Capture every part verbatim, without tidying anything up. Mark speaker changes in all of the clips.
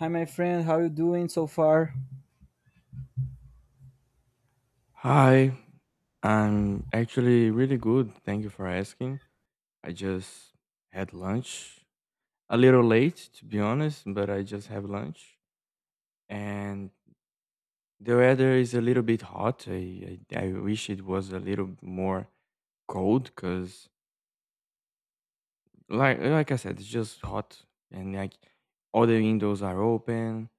Speaker 1: Hi, my friend. How you doing so far?
Speaker 2: Hi, I'm actually really good. Thank you for asking. I just had lunch. A little late, to be honest, but I just have lunch. And the weather is a little bit hot. I, I, I wish it was a little more cold because, like, like I said, it's just hot. And like all the windows are open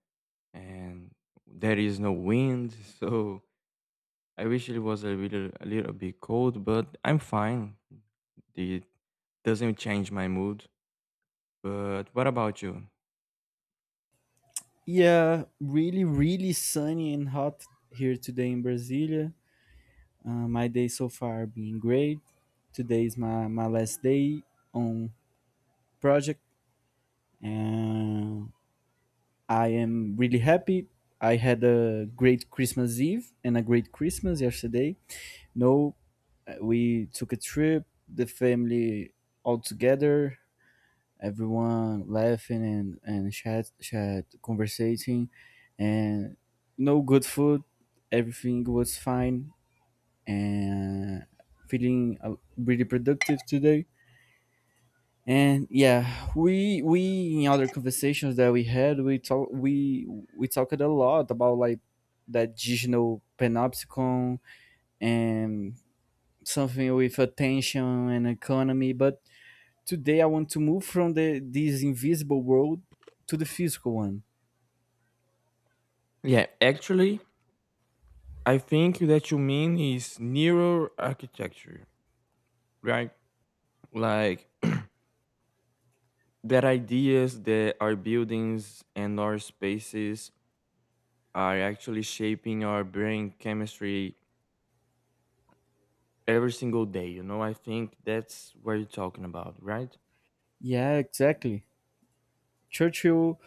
Speaker 2: and there is no wind. So I wish it was a little a little bit cold, but I'm fine. It doesn't change my mood. But what about you?
Speaker 1: Yeah, really, really sunny and hot here today in Brasilia. Uh, my day so far being great. Today is my, my last day on project, and I am really happy. I had a great Christmas Eve and a great Christmas yesterday. No, uh, we took a trip, the family all together. Everyone laughing and and chat chat conversating and no good food, everything was fine, and feeling uh, really productive today. And yeah, we we in other conversations that we had, we talk we we talked a lot about like that digital panopticon and something with attention and economy. But today I want to move from the this invisible world to the physical one.
Speaker 2: Yeah, actually, I think that you mean is neural architecture, right? Like that ideas that our buildings and our spaces are actually shaping our brain chemistry every single day. You know, I think that's what you're talking about, right?
Speaker 1: Yeah, exactly. Churchill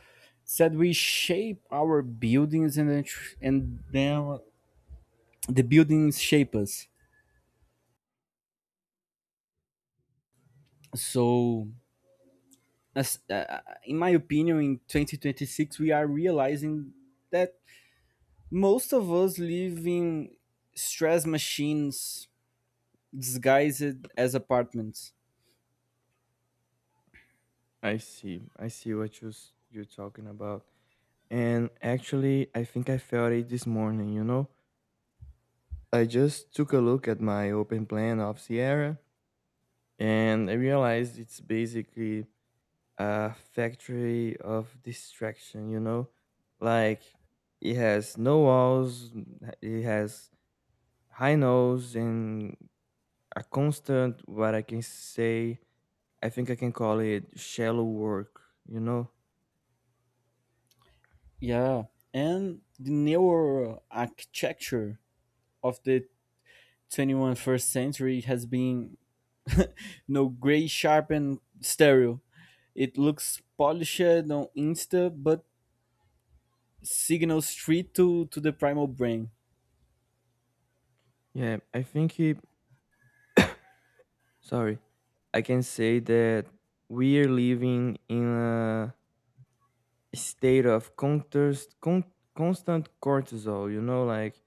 Speaker 1: said we shape our buildings and then tr- and then the buildings shape us. So, as, uh, uh, in my opinion, in twenty twenty-six, we are realizing that most of us live in stress machines disguised as apartments.
Speaker 2: I see. I see what you s- you're talking about. And actually, I think I felt it this morning, you know? I just took a look at my open plan of Sierra and I realized it's basically a factory of distraction, you know? Like, it has no walls, n- it has high notes, and a constant, what I can say, I think I can call it shallow work, you know?
Speaker 1: Yeah, and the neuro architecture of the twenty one century has been, you know, gray sharp stereo. It looks polished on insta, but signals straight to to the primal brain.
Speaker 2: Yeah, I think it sorry, I can say that we are living in a state of contest, con- constant cortisol, you know, like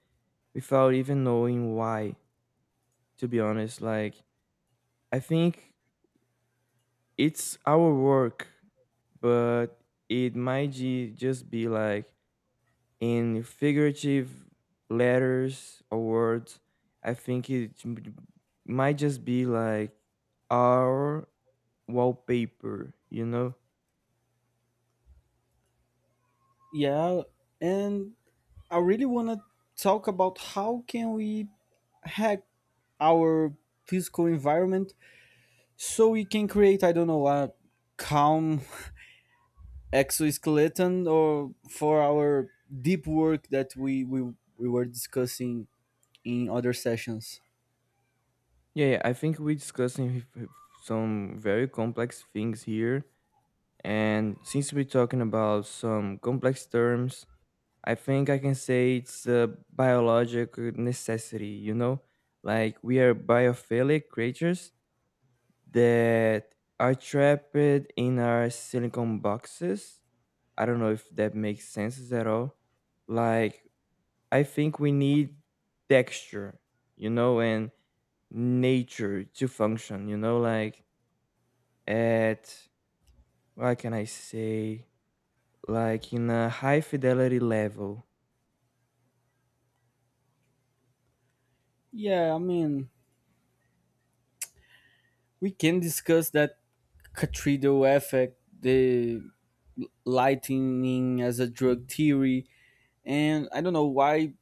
Speaker 2: without even knowing why, to be honest. Like, I think it's our work, but it might ju- just be like in figurative letters or words. I think it m- might just be like our wallpaper, you know?
Speaker 1: Yeah, and I really want to talk about how can we hack our physical environment, so we can create, I don't know, a calm exoskeleton or for our deep work that we we, we were discussing in other sessions.
Speaker 2: Yeah, yeah, I think we're discussing h- h- some very complex things here. And since we're talking about some complex terms, I think I can say it's a biological necessity, you know? Like we are biophilic creatures that are trapped in our silicon boxes. I don't know if that makes sense at all. Like, I think we need texture, you know, and nature to function, you know? Like, at what can I say? Like in a high fidelity level.
Speaker 1: Yeah, I mean, we can discuss that Catrido effect, the lightning as a drug theory, and I don't know why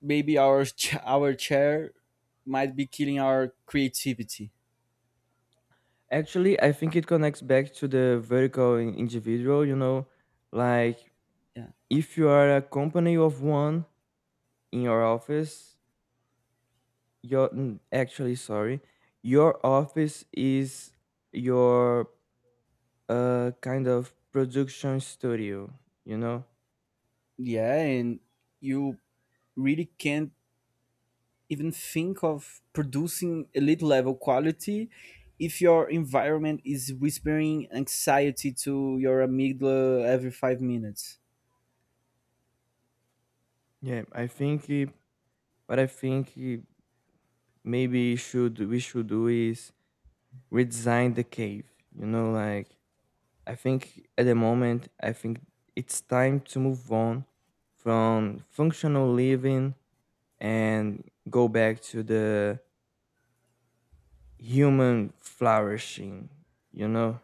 Speaker 1: maybe our ch- our chair might be killing our creativity.
Speaker 2: Actually, I think it connects back to the vertical in- individual, you know, like
Speaker 1: Yeah,
Speaker 2: if you are a company of one in your office, your n- actually sorry, your office is your uh kind of production studio, you know?
Speaker 1: yeah, and you really can't even think of producing elite level quality if your environment is whispering anxiety to your amygdala every five minutes.
Speaker 2: Yeah, I think uh, what I think uh, maybe should we should do is redesign the cave. You know, like I think at the moment, I think it's time to move on from functional living and go back to the human flourishing. You know,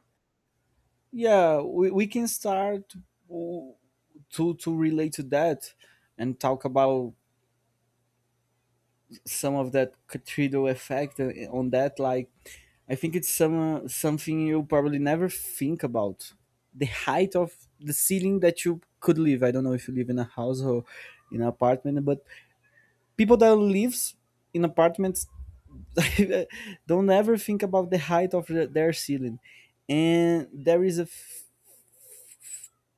Speaker 1: Yeah, we, we can start w- to to relate to that and talk about some of that cathedral effect uh, on that. Like, I think it's some uh, something you probably never think about, the height of the ceiling that you could live. I don't know if you live in a house or in an apartment, but people that lives in apartments don't ever think about the height of the, their ceiling. And there is a,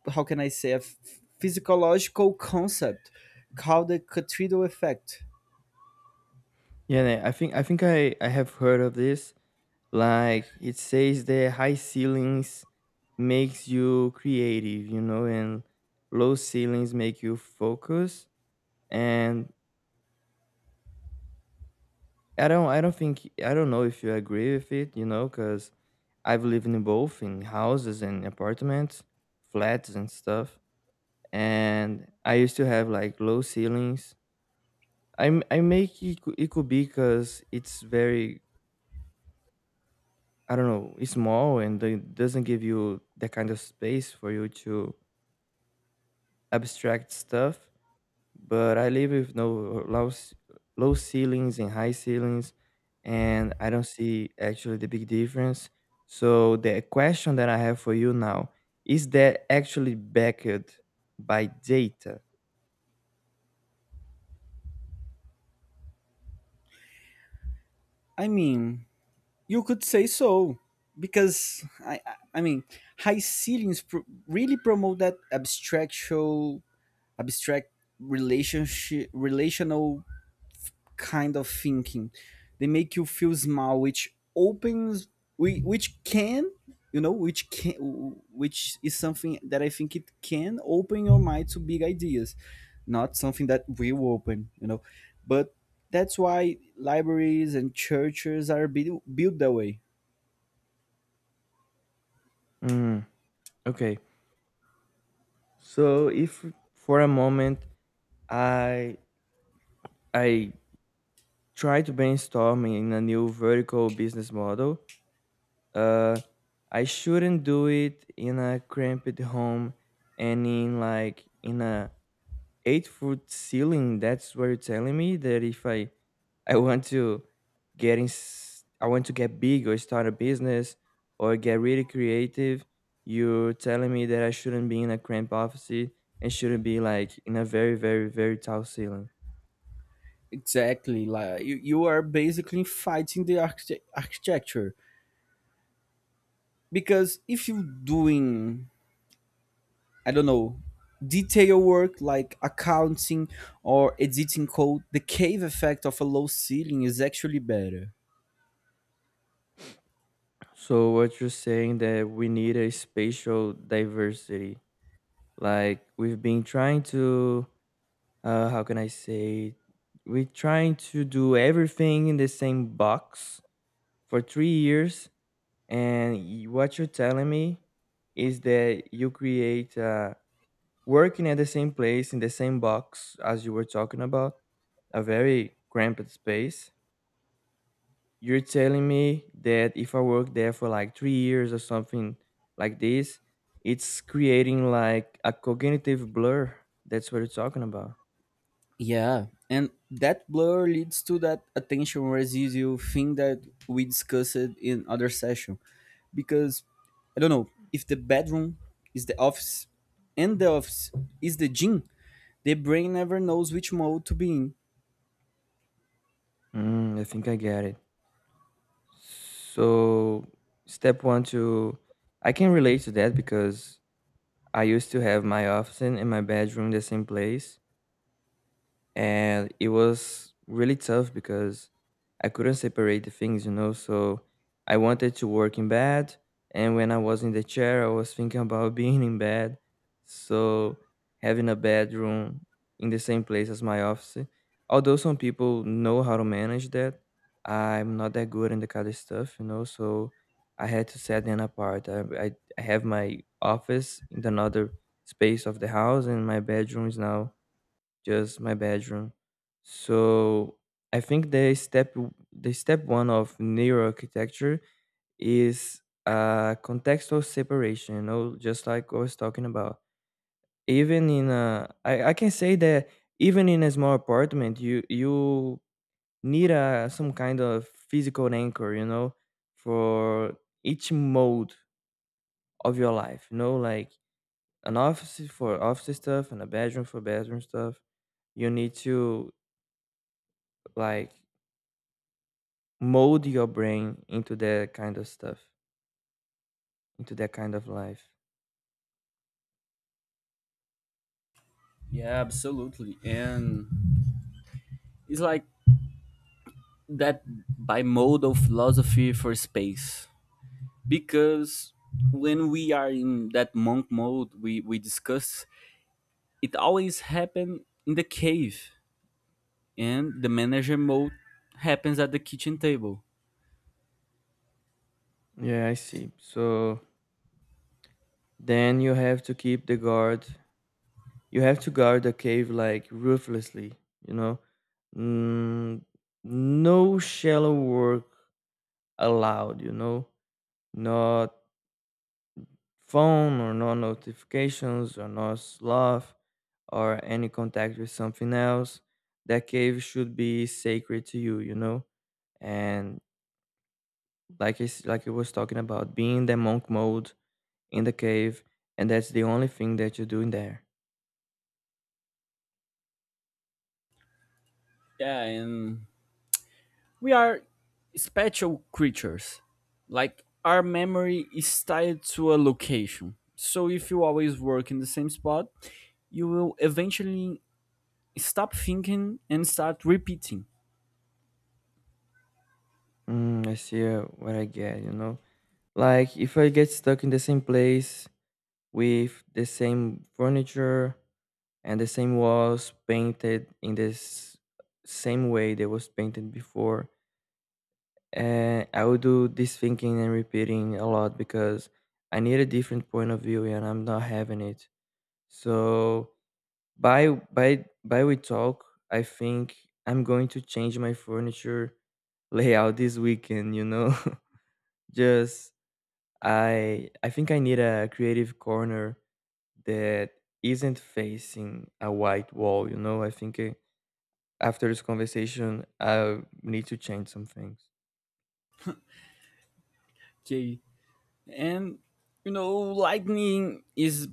Speaker 1: how can I say, a f- physiological concept called the cathedral effect.
Speaker 2: yeah, I think I think I I have heard of this. Like it says, the high ceilings makes you creative, you know, and low ceilings make you focus and I don't I don't think I don't know if you agree with it, you know, because 'cause I've lived in both in houses and apartments, flats and stuff, and I used to have, like, low ceilings. I'm I make it cou it could be cause it's very I don't know, it's small and it doesn't give you that kind of space for you to abstract stuff. But I live with no low c- low ceilings and high ceilings, and I don't see actually the big difference. So the question that I have for you now is that actually backed by data?
Speaker 1: I mean, you could say so, because I I I mean high ceilings pr- really promote that abstractual abstract relationship relational kind of thinking. They make you feel small, which opens, whi- which can, you know, which can, which is something that I think it can open your mind to big ideas, not something that will open, you know. But that's why libraries and churches are built built that way.
Speaker 2: Mm, okay. So if for a moment I I try to brainstorm in a new vertical business model, uh, I shouldn't do it in a cramped home and in like in a eight foot ceiling. That's where you're telling me that if i i want to get in s- I want to get big or start a business or get really creative. You're telling me that I shouldn't be in a cramped office and shouldn't be like in a very very very tall ceiling.
Speaker 1: Exactly, like you, you are basically fighting the archite- architecture, because if you're doing, I don't know, detail work like accounting or editing code, the cave effect of a low ceiling is actually better.
Speaker 2: So what you're saying that we need a spatial diversity, like we've been trying to uh, how can I say, we're trying to do everything in the same box for three years. And y- what you're telling me is that you create uh, working at the same place in the same box as you were talking about, a very cramped space. You're telling me that if I work there for like three years or something like this, it's creating like a cognitive blur. That's what you're talking about.
Speaker 1: Yeah, and that blur leads to that attention residual thing that we discussed in other session, because I don't know if the bedroom is the office and the office is the gym, the brain never knows which mode to be in.
Speaker 2: Mm, I think I get it. So, step one to I can relate to that because I used to have my office in my bedroom the same place, and it was really tough because I couldn't separate the things, you know. So I wanted to work in bed, and when I was in the chair, I was thinking about being in bed. So having a bedroom in the same place as my office, although some people know how to manage that, I'm not that good in the kind of stuff, you know. So I had to set them apart. I, I, I have my office in another space of the house, and my bedroom is now just my bedroom. So I think the step the step one of neuroarchitecture is uh, contextual separation. You know, just like I was talking about. Even in a, I, I can say that even in a small apartment, you you need a some kind of physical anchor. You know, for each mode of your life. You know, like an office for office stuff and a bedroom for bedroom stuff. You need to like mold your brain into that kind of stuff, into that kind of life.
Speaker 1: Yeah, absolutely. And it's like that by mode of philosophy for space, because when we are in that monk mode, we we discuss, it always happen in the cave, and the manager mode happens at the kitchen table.
Speaker 2: Yeah, I see. So then you have to keep the guard. You have to guard the cave like ruthlessly, you know? Mm, no shallow work allowed, you know? Not phone or no notifications or no sloth or any contact with something else. That cave should be sacred to you, you know? And like it's like you was talking about being in the monk mode in the cave, and that's the only thing that you do in there.
Speaker 1: Yeah, and we are spatial creatures. Like, our memory is tied to a location, so if you always work in the same spot, you will eventually stop thinking and start repeating.
Speaker 2: Mm, I see uh, what I get, you know, like if I get stuck in the same place with the same furniture and the same walls painted in this same way they was painted before, and I would do this thinking and repeating a lot because I need a different point of view and I'm not having it. So By by by we talk, I think I'm going to change my furniture layout this weekend, you know. Just I I think I need a creative corner that isn't facing a white wall, you know. I think uh, after this conversation, I need to change some things.
Speaker 1: Okay. And you know, lightning is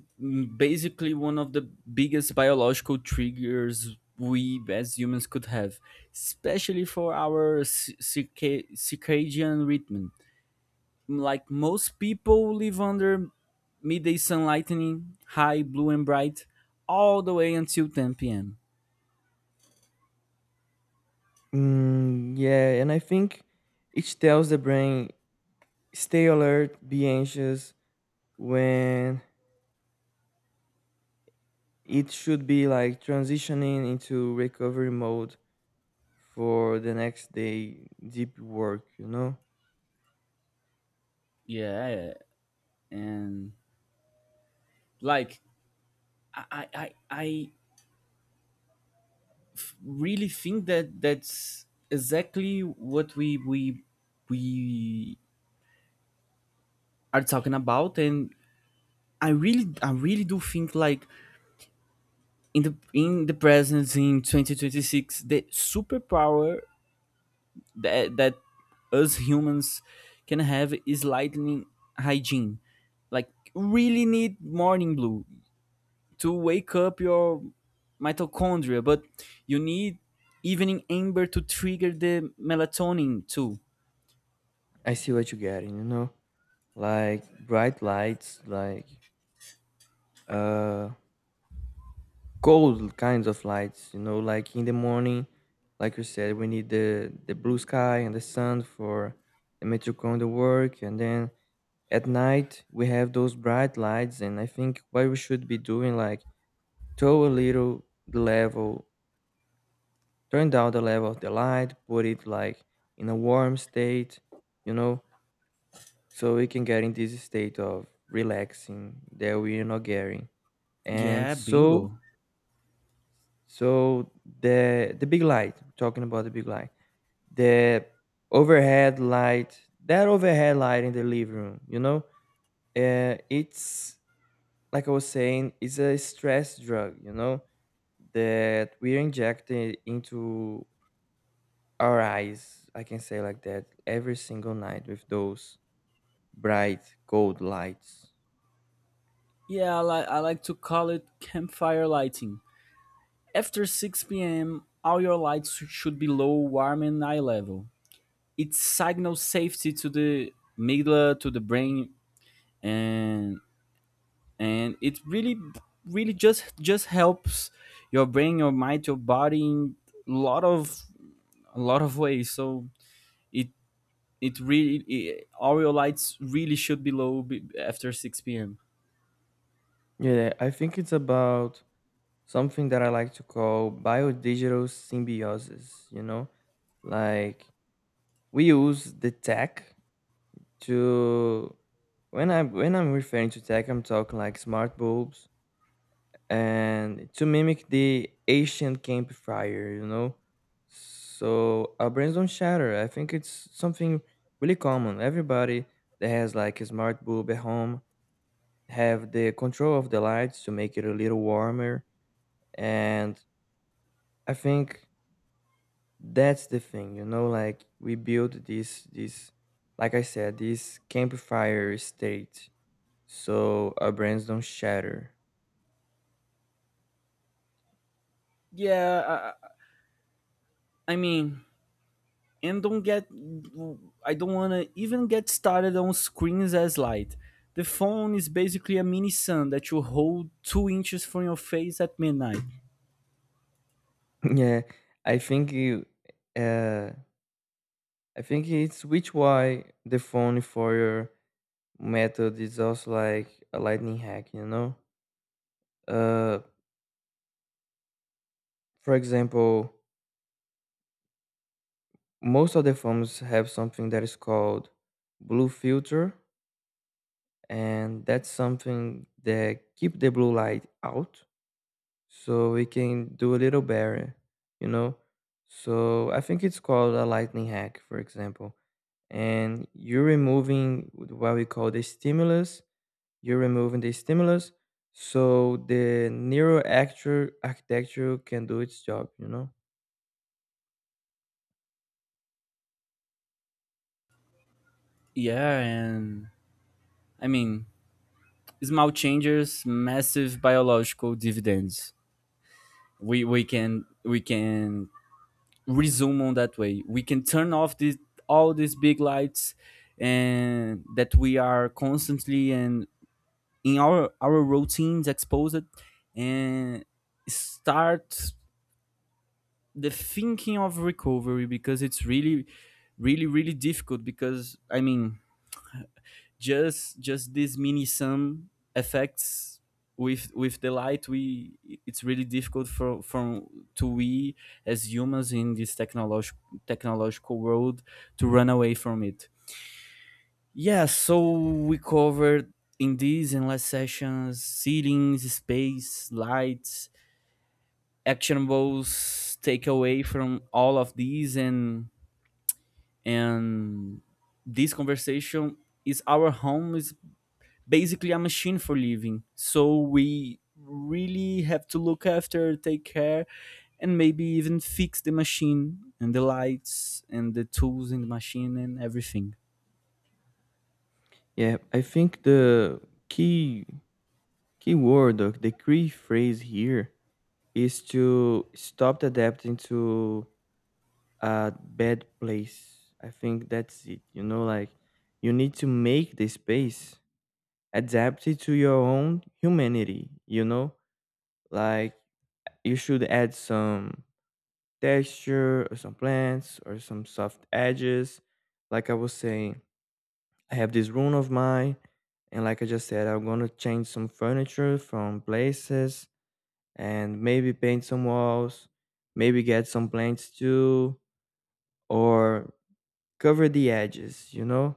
Speaker 1: basically one of the biggest biological triggers we as humans could have, especially for our ci- circa- circadian rhythm. Like, most people live under midday sun lightning, high, blue, and bright, all the way until ten p m.
Speaker 2: Mm, yeah, and I think it tells the brain stay alert, be anxious when it should be like transitioning into recovery mode for the next day deep work, you know?
Speaker 1: Yeah, and like I, I, I I really think that that's exactly what we we we are talking about. And I really, I really do think, like, in the in the presence in twenty twenty-six, the superpower that that us humans can have is lightning hygiene. Like, really need morning blue to wake up your mitochondria, but you need evening amber to trigger the melatonin too.
Speaker 2: I see what you're getting, you know? Like bright lights, like uh cold kinds of lights, you know, like in the morning, like you said, we need the the blue sky and the sun for the mitochondrial work, and then at night we have those bright lights, and I think what we should be doing, like to a little the level, turn down the level of the light, put it like in a warm state, you know, so we can get in this state of relaxing that we are not getting. And
Speaker 1: Yeah,
Speaker 2: so,
Speaker 1: bingo.
Speaker 2: so the the big light, talking about the big light, the overhead light, that overhead light in the living room, you know, uh, it's like I was saying, it's a stress drug, you know, that we're injected into our eyes, I can say like that, every single night with those bright gold lights.
Speaker 1: Yeah, I, li- I like to call it campfire lighting. After six p m, all your lights should be low, warm, and eye level. It signals safety to the amygdala, to the brain, and and it really, really just just helps your brain, your mind, your body in a lot of a lot of ways. So it it really it, all your lights really should be low be, after six p m.
Speaker 2: Yeah, I think it's about something that I like to call biodigital symbiosis, you know? Like we use the tech to when I when I'm referring to tech, I'm talking like smart bulbs and to mimic the Asian camp fire, you know. So our brains don't shatter, I think it's something really common. Everybody that has like a smart bulb at home have the control of the lights to make it a little warmer, and I think that's the thing, you know. Like we build this this, like I said, this campfire state. So our brains don't shatter.
Speaker 1: Yeah, I, I I mean, and don't get, I don't want to even get started on screens as light. The phone is basically a mini sun that you hold two inches from your face at midnight.
Speaker 2: Yeah, I think you. Uh, I think it's which why the phone for your method is also like a lightning hack, you know? Uh, for example, most of the phones have something that is called blue filter, and that's something that keep the blue light out so we can do a little better, you know? So I think it's called a lightning hack, for example, and you're removing what we call the stimulus. You're removing the stimulus so the neural actu- architecture can do its job, you know?
Speaker 1: Yeah, and I mean, small changes, massive biological dividends. We we can we can resume on that way. We can turn off this, all these big lights, and that we are constantly and in our our routines exposed, and start the thinking of recovery, because it's really, really, really difficult. Because I mean, just just this mini sum effects with with the light, we, it's really difficult for from to we, as humans in this technological technological world, to run away from it. Yeah, so we covered in these and last sessions ceilings, space, lights, actionables, takeaway from all of these, and and this conversation is, our home is basically a machine for living. So we really have to look after, take care, and maybe even fix the machine and the lights and the tools in the machine and everything.
Speaker 2: Yeah, I think the key key word, or the key phrase here, is to stop adapting to a bad place. I think that's it. You know, like you need to make the space adapted to your own humanity. You know, like you should add some texture or some plants or some soft edges. Like I was saying, I have this room of mine, and like I just said, I'm gonna change some furniture from places and maybe paint some walls, maybe get some plants too, or cover the edges, you know,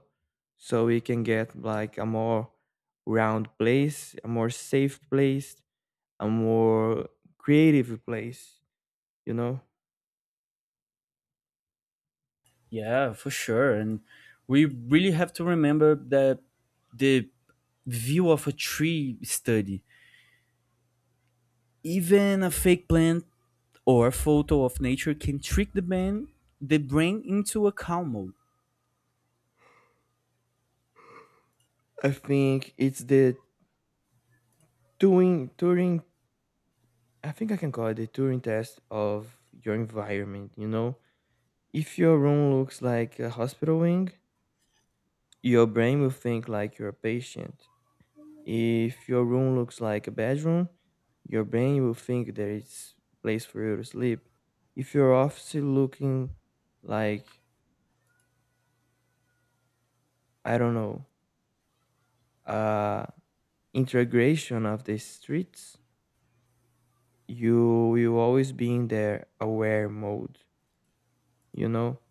Speaker 2: so we can get like a more round place, a more safe place, a more creative place, you know.
Speaker 1: Yeah, for sure. And we really have to remember that the view of a tree study, even a fake plant or a photo of nature, can trick the brain, the brain into a calm mode.
Speaker 2: I think it's the doing Turing, I think I can call it the Turing test of your environment. You know, if your room looks like a hospital wing, your brain will think like you're a patient. If your room looks like a bedroom, your brain will think there is a place for you to sleep. If your office is looking like I don't know, uh, integration of the streets, you will always be in their aware mode. You know,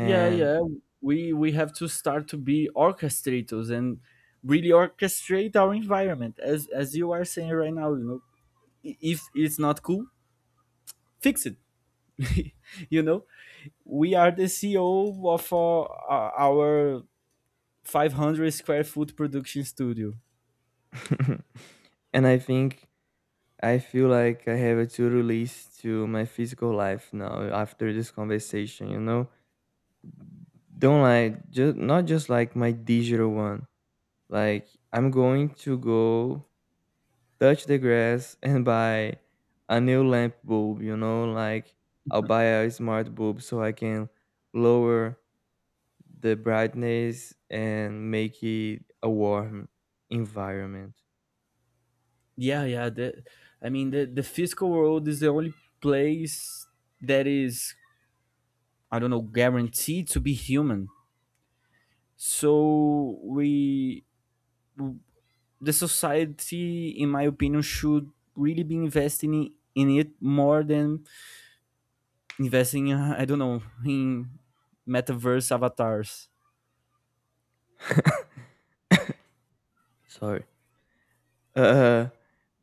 Speaker 1: Yeah, yeah. We we have to start to be orchestrators and really orchestrate our environment, as as you are saying right now. You know, I- if it's not cool, fix it. You know, we are the C E O of our, our five hundred square foot production studio.
Speaker 2: and I think I feel like I have a to-do list to my physical life now after this conversation, you know? Don't like just not just like my digital one. Like I'm going to go touch the grass and buy a new lamp bulb, you know, like I'll buy a smart bulb so I can lower the brightness and make it a warm environment.
Speaker 1: Yeah, yeah. The, I mean, the, the physical world is the only place that is, I don't know, guaranteed to be human. So we, the society, in my opinion, should really be investing in it more than investing in, I don't know, in metaverse avatars.
Speaker 2: Sorry. Uh,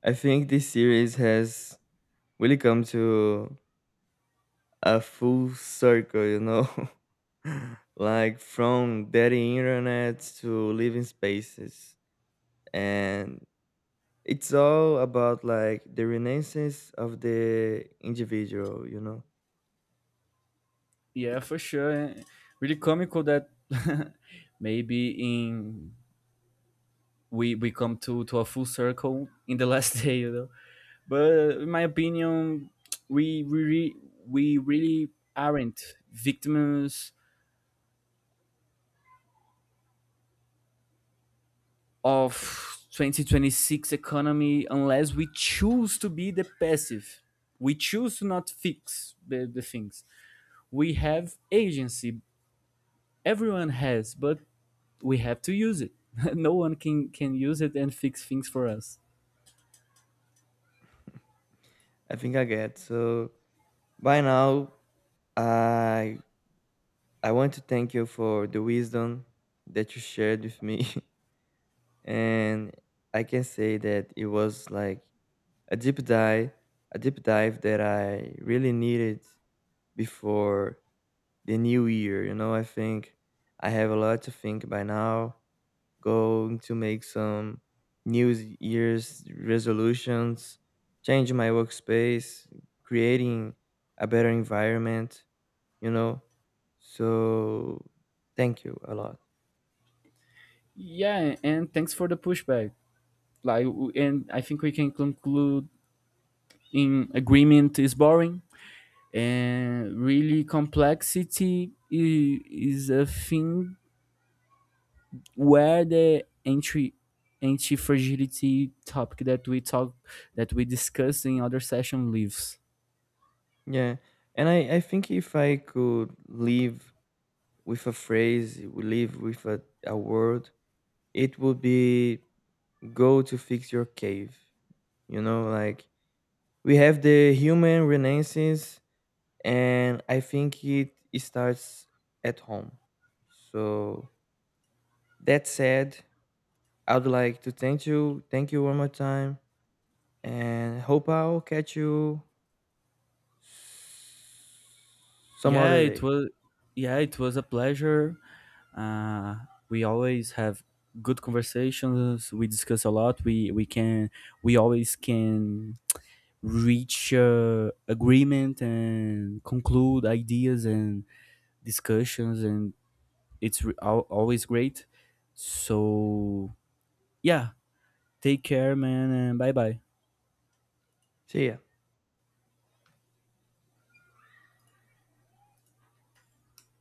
Speaker 2: I think this series has really come to a full circle, you know, like from dating internet to living spaces. And it's all about like the renaissance of the individual, you know.
Speaker 1: Yeah, for sure. Really comical that maybe in, we we come to to a full circle in the last day, you know. But in my opinion, we we re- we really aren't victims of twenty twenty-six economy, unless we choose to be the passive, we choose to not fix the, the things. We have agency, everyone has, but we have to use it. No one can can use it and fix things for us.
Speaker 2: I think I get. So by now, I I want to thank you for the wisdom that you shared with me. And I can say that it was like a deep dive a deep dive that I really needed before the new year. You know, I think I have a lot to think by now. Going to make some new year's resolutions, change my workspace, creating a better environment, you know. So thank you a lot.
Speaker 1: Yeah, and thanks for the pushback. Like w- and I think we can conclude in agreement is boring, and really complexity i- is a thing where the entry anti-fragility topic that we talk that we discussed in other session lives.
Speaker 2: Yeah. And I, I think if I could live with a phrase, live with a, a word, it would be go to fix your cave. You know, like we have the human renaissance, and I think it, it starts at home. So that said, I would like to thank you, thank you one more time, and hope I'll catch you some
Speaker 1: Yeah,
Speaker 2: other
Speaker 1: it
Speaker 2: day.
Speaker 1: was, yeah, it was a pleasure. uh, we always have good conversations, we discuss a lot, we we can we always can reach uh, agreement and conclude ideas and discussions, and it's re- al- always great. So yeah, take care, man, and bye bye.
Speaker 2: See ya.